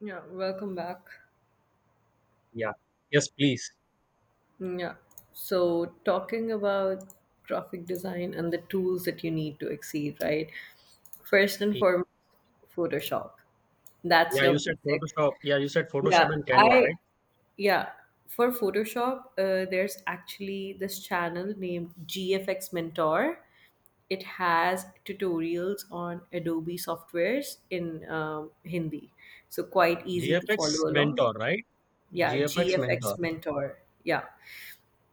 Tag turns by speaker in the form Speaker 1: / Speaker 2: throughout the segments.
Speaker 1: Yeah, welcome back.
Speaker 2: Yeah. Yes, please.
Speaker 1: Yeah. So, talking about graphic design and the tools that you need to exceed, right? First and
Speaker 2: Y-
Speaker 1: foremost, Photoshop. That's
Speaker 2: Yeah, you
Speaker 1: your
Speaker 2: said
Speaker 1: basic.
Speaker 2: Photoshop. Yeah, you said
Speaker 1: Yeah,
Speaker 2: Photoshop and Canva,
Speaker 1: I
Speaker 2: right?
Speaker 1: yeah, for Photoshop, there's actually this channel named GFX Mentor. It has tutorials on Adobe softwares in Hindi. So quite easy to
Speaker 2: GFX
Speaker 1: follow along.
Speaker 2: Mentor, right?
Speaker 1: Yeah,
Speaker 2: GFX Mentor.
Speaker 1: GFX Mentor. Yeah.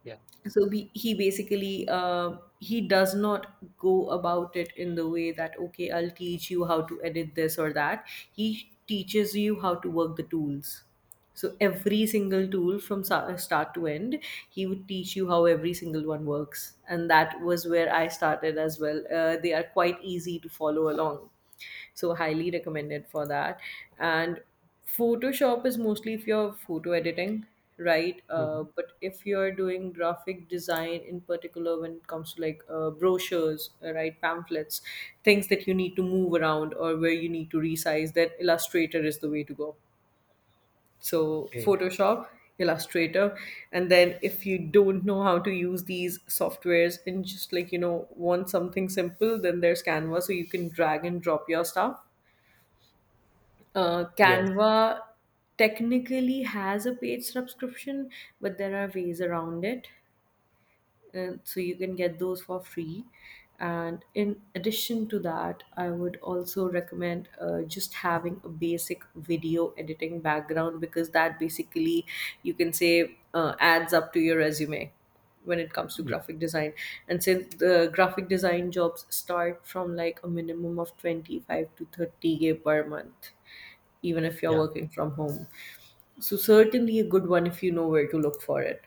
Speaker 2: Yeah.
Speaker 1: So he basically, he does not go about it in the way that, okay, I'll teach you how to edit this or that. He teaches you how to work the tools. So every single tool from start to end, he would teach you how every single one works, and that was where I started as well. They are quite easy to follow along, so highly recommended for that. And Photoshop is mostly if you're photo editing, right?
Speaker 2: Mhm.
Speaker 1: But if you're doing graphic design in particular, when it comes to, like, brochures, right, pamphlets, things that you need to move around or where you need to resize, then Illustrator is the way to go. So
Speaker 2: Okay.
Speaker 1: Photoshop, Illustrator, and then if you don't know how to use these softwares and just, like, you know, want something simple, then there's Canva, so you can drag and drop your stuff.
Speaker 2: Yes.
Speaker 1: Canva technically has a paid subscription, but there are ways around it. So you can get those for free. And in addition to that, I would also recommend, just having a basic video editing background, because that basically, you can say, adds up to your resume when it comes to
Speaker 2: Yeah.
Speaker 1: graphic design. And since the graphic design jobs start from, like, a minimum of 25 to 30K per month, even if you're
Speaker 2: Yeah.
Speaker 1: working from home, so certainly a good one if you know where to look for it.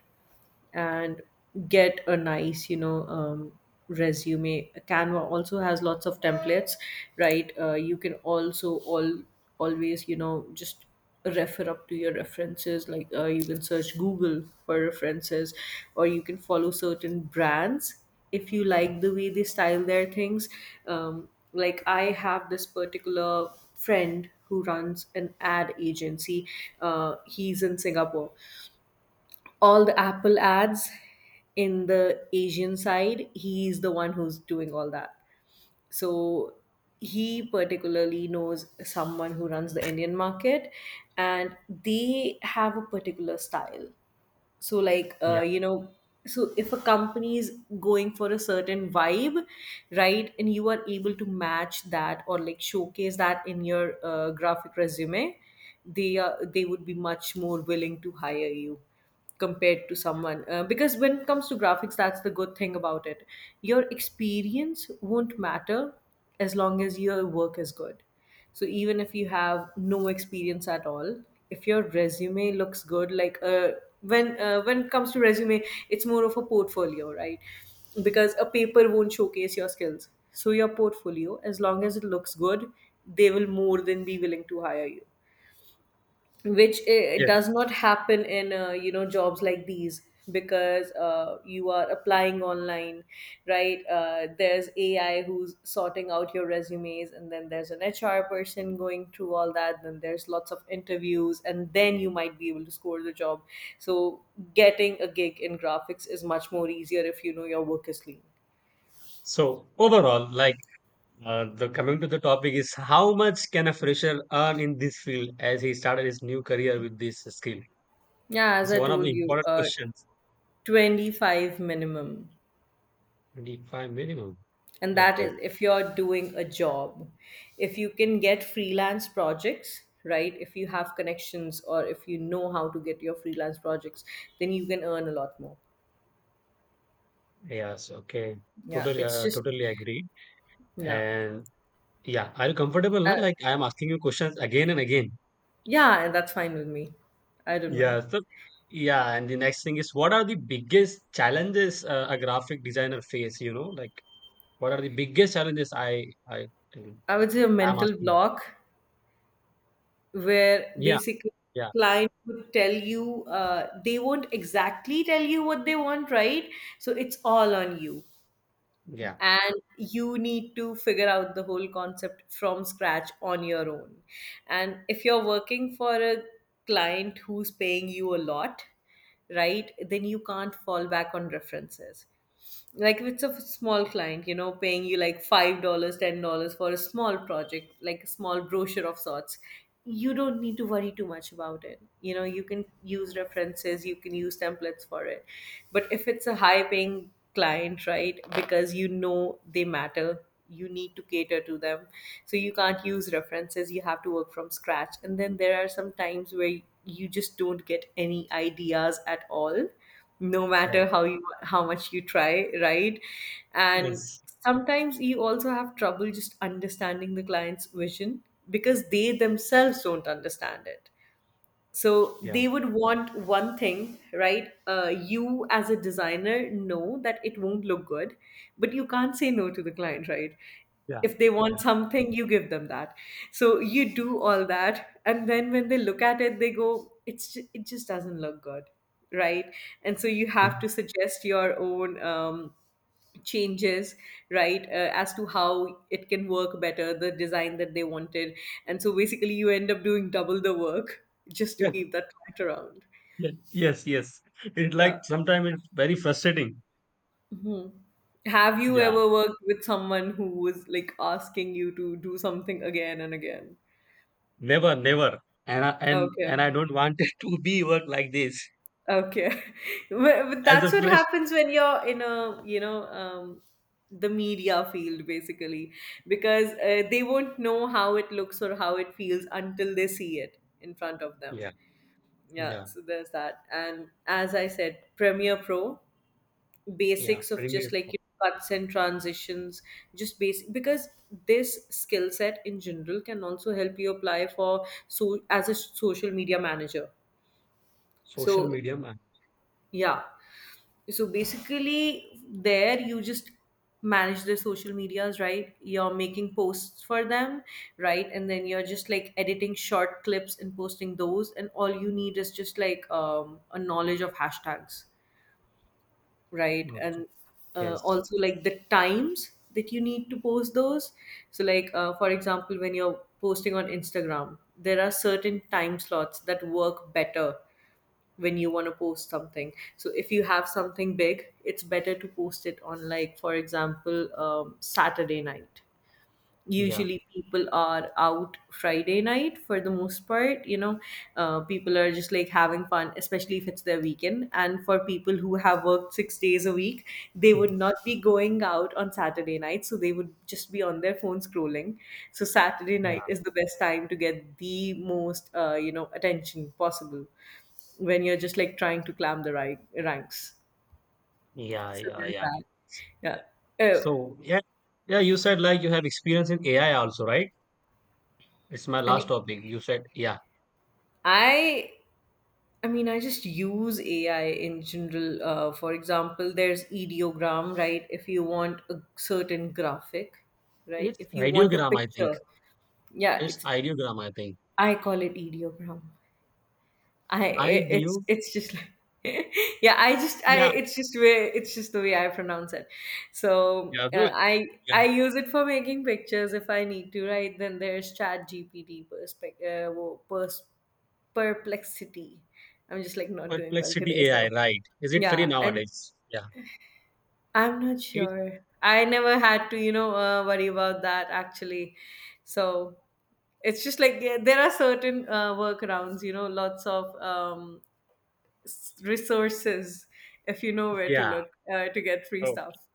Speaker 1: And get a nice, resume. Canva also has lots of templates, right? You can also all always, you know, just refer up to your references, like, you can search Google for references, or you can follow certain brands if you like the way they style their things. um, like, I have this particular friend who runs an ad agency. He's in Singapore. All the Apple ads in the Asian side, he's the one who's doing all that. So he particularly knows someone who runs the Indian market, and they have a particular style. So, like,
Speaker 2: Yeah.
Speaker 1: so if a company is going for a certain vibe, right, and you are able to match that or, like, showcase that in your graphic resume, they would be much more willing to hire you, compared to someone, because when it comes to graphics, that's the good thing about it. Your experience won't matter, as long as your work is good. So even if you have no experience at all, if your resume looks good, like, when it comes to resume, it's more of a portfolio, right? Because a paper won't showcase your skills. So your portfolio, as long as it looks good, they will more than be willing to hire you, which it does
Speaker 2: Yes.
Speaker 1: not happen in jobs like these. Because you are applying online, right? There's AI who's sorting out your resumes, and then there's an HR person going through all that, then there's lots of interviews, and then you might be able to score the job. So getting a gig in graphics is much more easier if you know your work is clean.
Speaker 2: So overall, like the coming to the topic is how much can a fresher earn in this field as he started his new career with this skill?
Speaker 1: Yeah, as
Speaker 2: It's
Speaker 1: I
Speaker 2: one of
Speaker 1: told
Speaker 2: the
Speaker 1: you,
Speaker 2: important questions.
Speaker 1: 25 minimum.
Speaker 2: 25 minimum.
Speaker 1: And that
Speaker 2: Okay.
Speaker 1: is if you're doing a job. If you can get freelance projects, right, if you have connections or if you know how to get your freelance projects, then you can earn a lot more.
Speaker 2: Yes. Okay.
Speaker 1: Yeah,
Speaker 2: Totally.
Speaker 1: it's just.
Speaker 2: Totally agree.
Speaker 1: Yeah.
Speaker 2: And yeah. Are you comfortable
Speaker 1: uh,
Speaker 2: now? Like I am asking you questions again and again.
Speaker 1: yeah, and that's fine with me. I don't mind.
Speaker 2: Yeah. So yeah, and the next thing is what are the biggest challenges a graphic designer face, you know? Like what are the biggest challenges I
Speaker 1: I would say a
Speaker 2: am
Speaker 1: mental
Speaker 2: asking.
Speaker 1: block, where
Speaker 2: Yeah,
Speaker 1: basically
Speaker 2: yeah,
Speaker 1: client would tell you, they won't exactly tell you what they want, right? So it's all on you,
Speaker 2: yeah,
Speaker 1: and you need to figure out the whole concept from scratch on your own. And if you're working for a client who's paying you a lot, right, then you can't fall back on references. Like, if it's a small client, you know, paying you like $5, $10 for a small project, like a small brochure of sorts, you don't need to worry too much about it. You know, you can use references, you can use templates for it. But if it's a high paying client, right, because, you know, they matter, you need to cater to them. So you can't use references, you have to work from scratch. And then there are some times where you just don't get any ideas at all, no
Speaker 2: yeah.
Speaker 1: matter how you how much you try, right? And
Speaker 2: Yes.
Speaker 1: sometimes you also have trouble just understanding the client's vision, because they themselves don't understand it. So
Speaker 2: Yeah.
Speaker 1: they would want one thing, right? You, as a designer, know that it won't look good, but you can't say no to the client, right?
Speaker 2: Yeah.
Speaker 1: If they
Speaker 2: Yeah.
Speaker 1: want something, you give them that. So you do all that, and then when they look at it, they go, "It's it just doesn't look good, right?" And so you have
Speaker 2: Mm.
Speaker 1: to suggest your own. Changes, right? As to how it can work better, the design that they wanted. And so basically you end up doing double the work, just to
Speaker 2: Yeah,
Speaker 1: keep that client around.
Speaker 2: yeah, yes, yes. It
Speaker 1: Yeah.
Speaker 2: like sometimes it's very frustrating.
Speaker 1: Mhm. Have you
Speaker 2: Yeah.
Speaker 1: ever worked with someone who was like asking you to do something again and again?
Speaker 2: Never, never. And I, and
Speaker 1: Okay.
Speaker 2: and I don't want it to be work like this
Speaker 1: Okay. Well, but
Speaker 2: as a
Speaker 1: that's what
Speaker 2: fresh.
Speaker 1: happens when you're in a you know the media field, basically, because they won't know how it looks or how it feels until they see it in front of them.
Speaker 2: Yeah.
Speaker 1: Yeah,
Speaker 2: Yeah.
Speaker 1: so there's that. And as I said, Premiere Pro,
Speaker 2: Yeah.
Speaker 1: basics of
Speaker 2: Pretty
Speaker 1: just, like,
Speaker 2: much.
Speaker 1: cuts and transitions, just basic, because this skill set in general can also help you apply for so as a social media manager.
Speaker 2: Social
Speaker 1: So
Speaker 2: medium and
Speaker 1: yeah. So basically, there you just manage their social medias, right? You're making posts for them, right? And then you're just like editing short clips and posting those. And all you need is just like, a knowledge of hashtags, right?
Speaker 2: okay.
Speaker 1: And,
Speaker 2: Yes.
Speaker 1: also, like, the times that you need to post those. So, like, for example, when you're posting on Instagram, there are certain time slots that work better when you want to post something. So if you have something big, it's better to post it on, like, for example, Saturday night.
Speaker 2: Yeah.
Speaker 1: Usually people are out Friday night for the most part. People are just, like, having fun, especially if it's their weekend. And for people who have worked 6 days a week, they would
Speaker 2: Mhm.
Speaker 1: not be going out on Saturday night, so they would just be on their phone scrolling. So Saturday
Speaker 2: Yeah.
Speaker 1: night is the best time to get the most attention possible, when you're just like trying to climb the right ranks.
Speaker 2: Yeah.
Speaker 1: So
Speaker 2: Yeah.
Speaker 1: there's
Speaker 2: Yeah.
Speaker 1: that. Yeah. Oh.
Speaker 2: So yeah, yeah. You said like you have experience in AI also, right? It's my last
Speaker 1: and
Speaker 2: topic. You said yeah.
Speaker 1: i I mean, I just use AI in general. For example, there's ideogram, right? If you want a certain graphic, right?
Speaker 2: It's
Speaker 1: If you want a
Speaker 2: ideogram, I think.
Speaker 1: picture, yeah,
Speaker 2: It's
Speaker 1: it's,
Speaker 2: ideogram, I think.
Speaker 1: I call it ideogram. It's
Speaker 2: Ideo.
Speaker 1: it's just like, yeah, I just I
Speaker 2: Yeah.
Speaker 1: it's just the way I pronounce it. So,
Speaker 2: Yeah. Good.
Speaker 1: I
Speaker 2: Yeah.
Speaker 1: I use it for making pictures if I need to, right? Then there's Chat GPT perspective, perplexity. I'm just, like, not doing well today,
Speaker 2: Perplexity AI,
Speaker 1: so
Speaker 2: right? Is it free
Speaker 1: yeah, and
Speaker 2: nowadays? Yeah.
Speaker 1: I'm not
Speaker 2: It.
Speaker 1: sure. I never had to, worry about that actually. So it's just, like, yeah, there are certain workarounds, lots of resources, if you know where to
Speaker 2: Yeah.
Speaker 1: look, to get free
Speaker 2: Okay.
Speaker 1: stuff.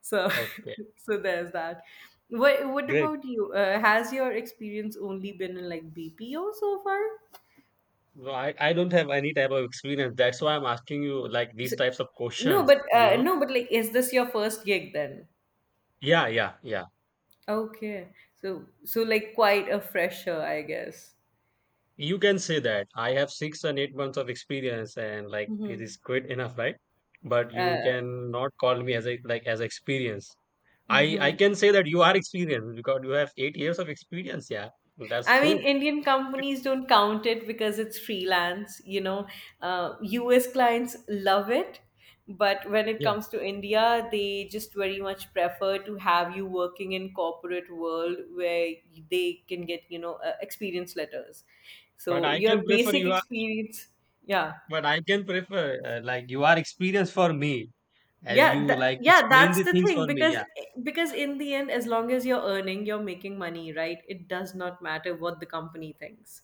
Speaker 1: So,
Speaker 2: Okay.
Speaker 1: so there's that. What
Speaker 2: Great.
Speaker 1: about you? Has your experience only been in, like, BPO so far?
Speaker 2: Well, I don't have any type of experience. That's why I'm asking you like these
Speaker 1: So-
Speaker 2: types of
Speaker 1: no,
Speaker 2: questions,
Speaker 1: but,
Speaker 2: you know?
Speaker 1: like, is this your first gig then?
Speaker 2: Yeah, yeah, yeah.
Speaker 1: Okay. So, like, quite a fresher, I guess.
Speaker 2: You can say that I have 6 and 8 months of experience, and like
Speaker 1: Hmm.
Speaker 2: it is good enough, right? But you
Speaker 1: Uh,
Speaker 2: can not call me as a like as experience. I
Speaker 1: mhm.
Speaker 2: can say that you are experienced because you have 8 years of experience. Yeah, that's
Speaker 1: I mean,
Speaker 2: good.
Speaker 1: Indian companies don't count it because it's freelance. US clients love it, but when it
Speaker 2: Yeah.
Speaker 1: comes to India, they just very much prefer to have you working in corporate world where they can get, experience letters.
Speaker 2: But
Speaker 1: So
Speaker 2: I
Speaker 1: your
Speaker 2: can prefer
Speaker 1: basic
Speaker 2: you are.
Speaker 1: experience, yeah.
Speaker 2: But I can prefer like you are experienced for me as
Speaker 1: Yeah,
Speaker 2: you like explain
Speaker 1: that's
Speaker 2: the
Speaker 1: the
Speaker 2: things
Speaker 1: thing,
Speaker 2: for me.
Speaker 1: because
Speaker 2: Yeah,
Speaker 1: in the end, as long as you're earning, you're making money, right? It does not matter what the company thinks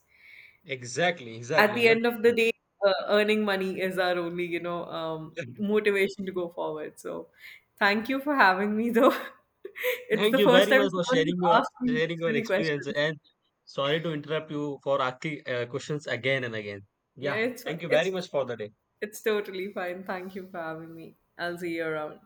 Speaker 2: exactly,
Speaker 1: at
Speaker 2: exactly,
Speaker 1: the
Speaker 2: hundred
Speaker 1: end of the day. Earning money is our only,
Speaker 2: percent.
Speaker 1: motivation to go forward. So, thank you for having me though. It's the
Speaker 2: Thank you
Speaker 1: first
Speaker 2: very
Speaker 1: time
Speaker 2: much for
Speaker 1: someone
Speaker 2: sharing
Speaker 1: has
Speaker 2: your
Speaker 1: asked me
Speaker 2: sharing
Speaker 1: this
Speaker 2: your
Speaker 1: many
Speaker 2: experience,
Speaker 1: questions.
Speaker 2: and sorry to interrupt you for asking questions again and again.
Speaker 1: Yeah,
Speaker 2: Yeah,
Speaker 1: it's
Speaker 2: thank you
Speaker 1: it's
Speaker 2: very much for the day.
Speaker 1: it's totally fine, thank you for having me, I'll see you around.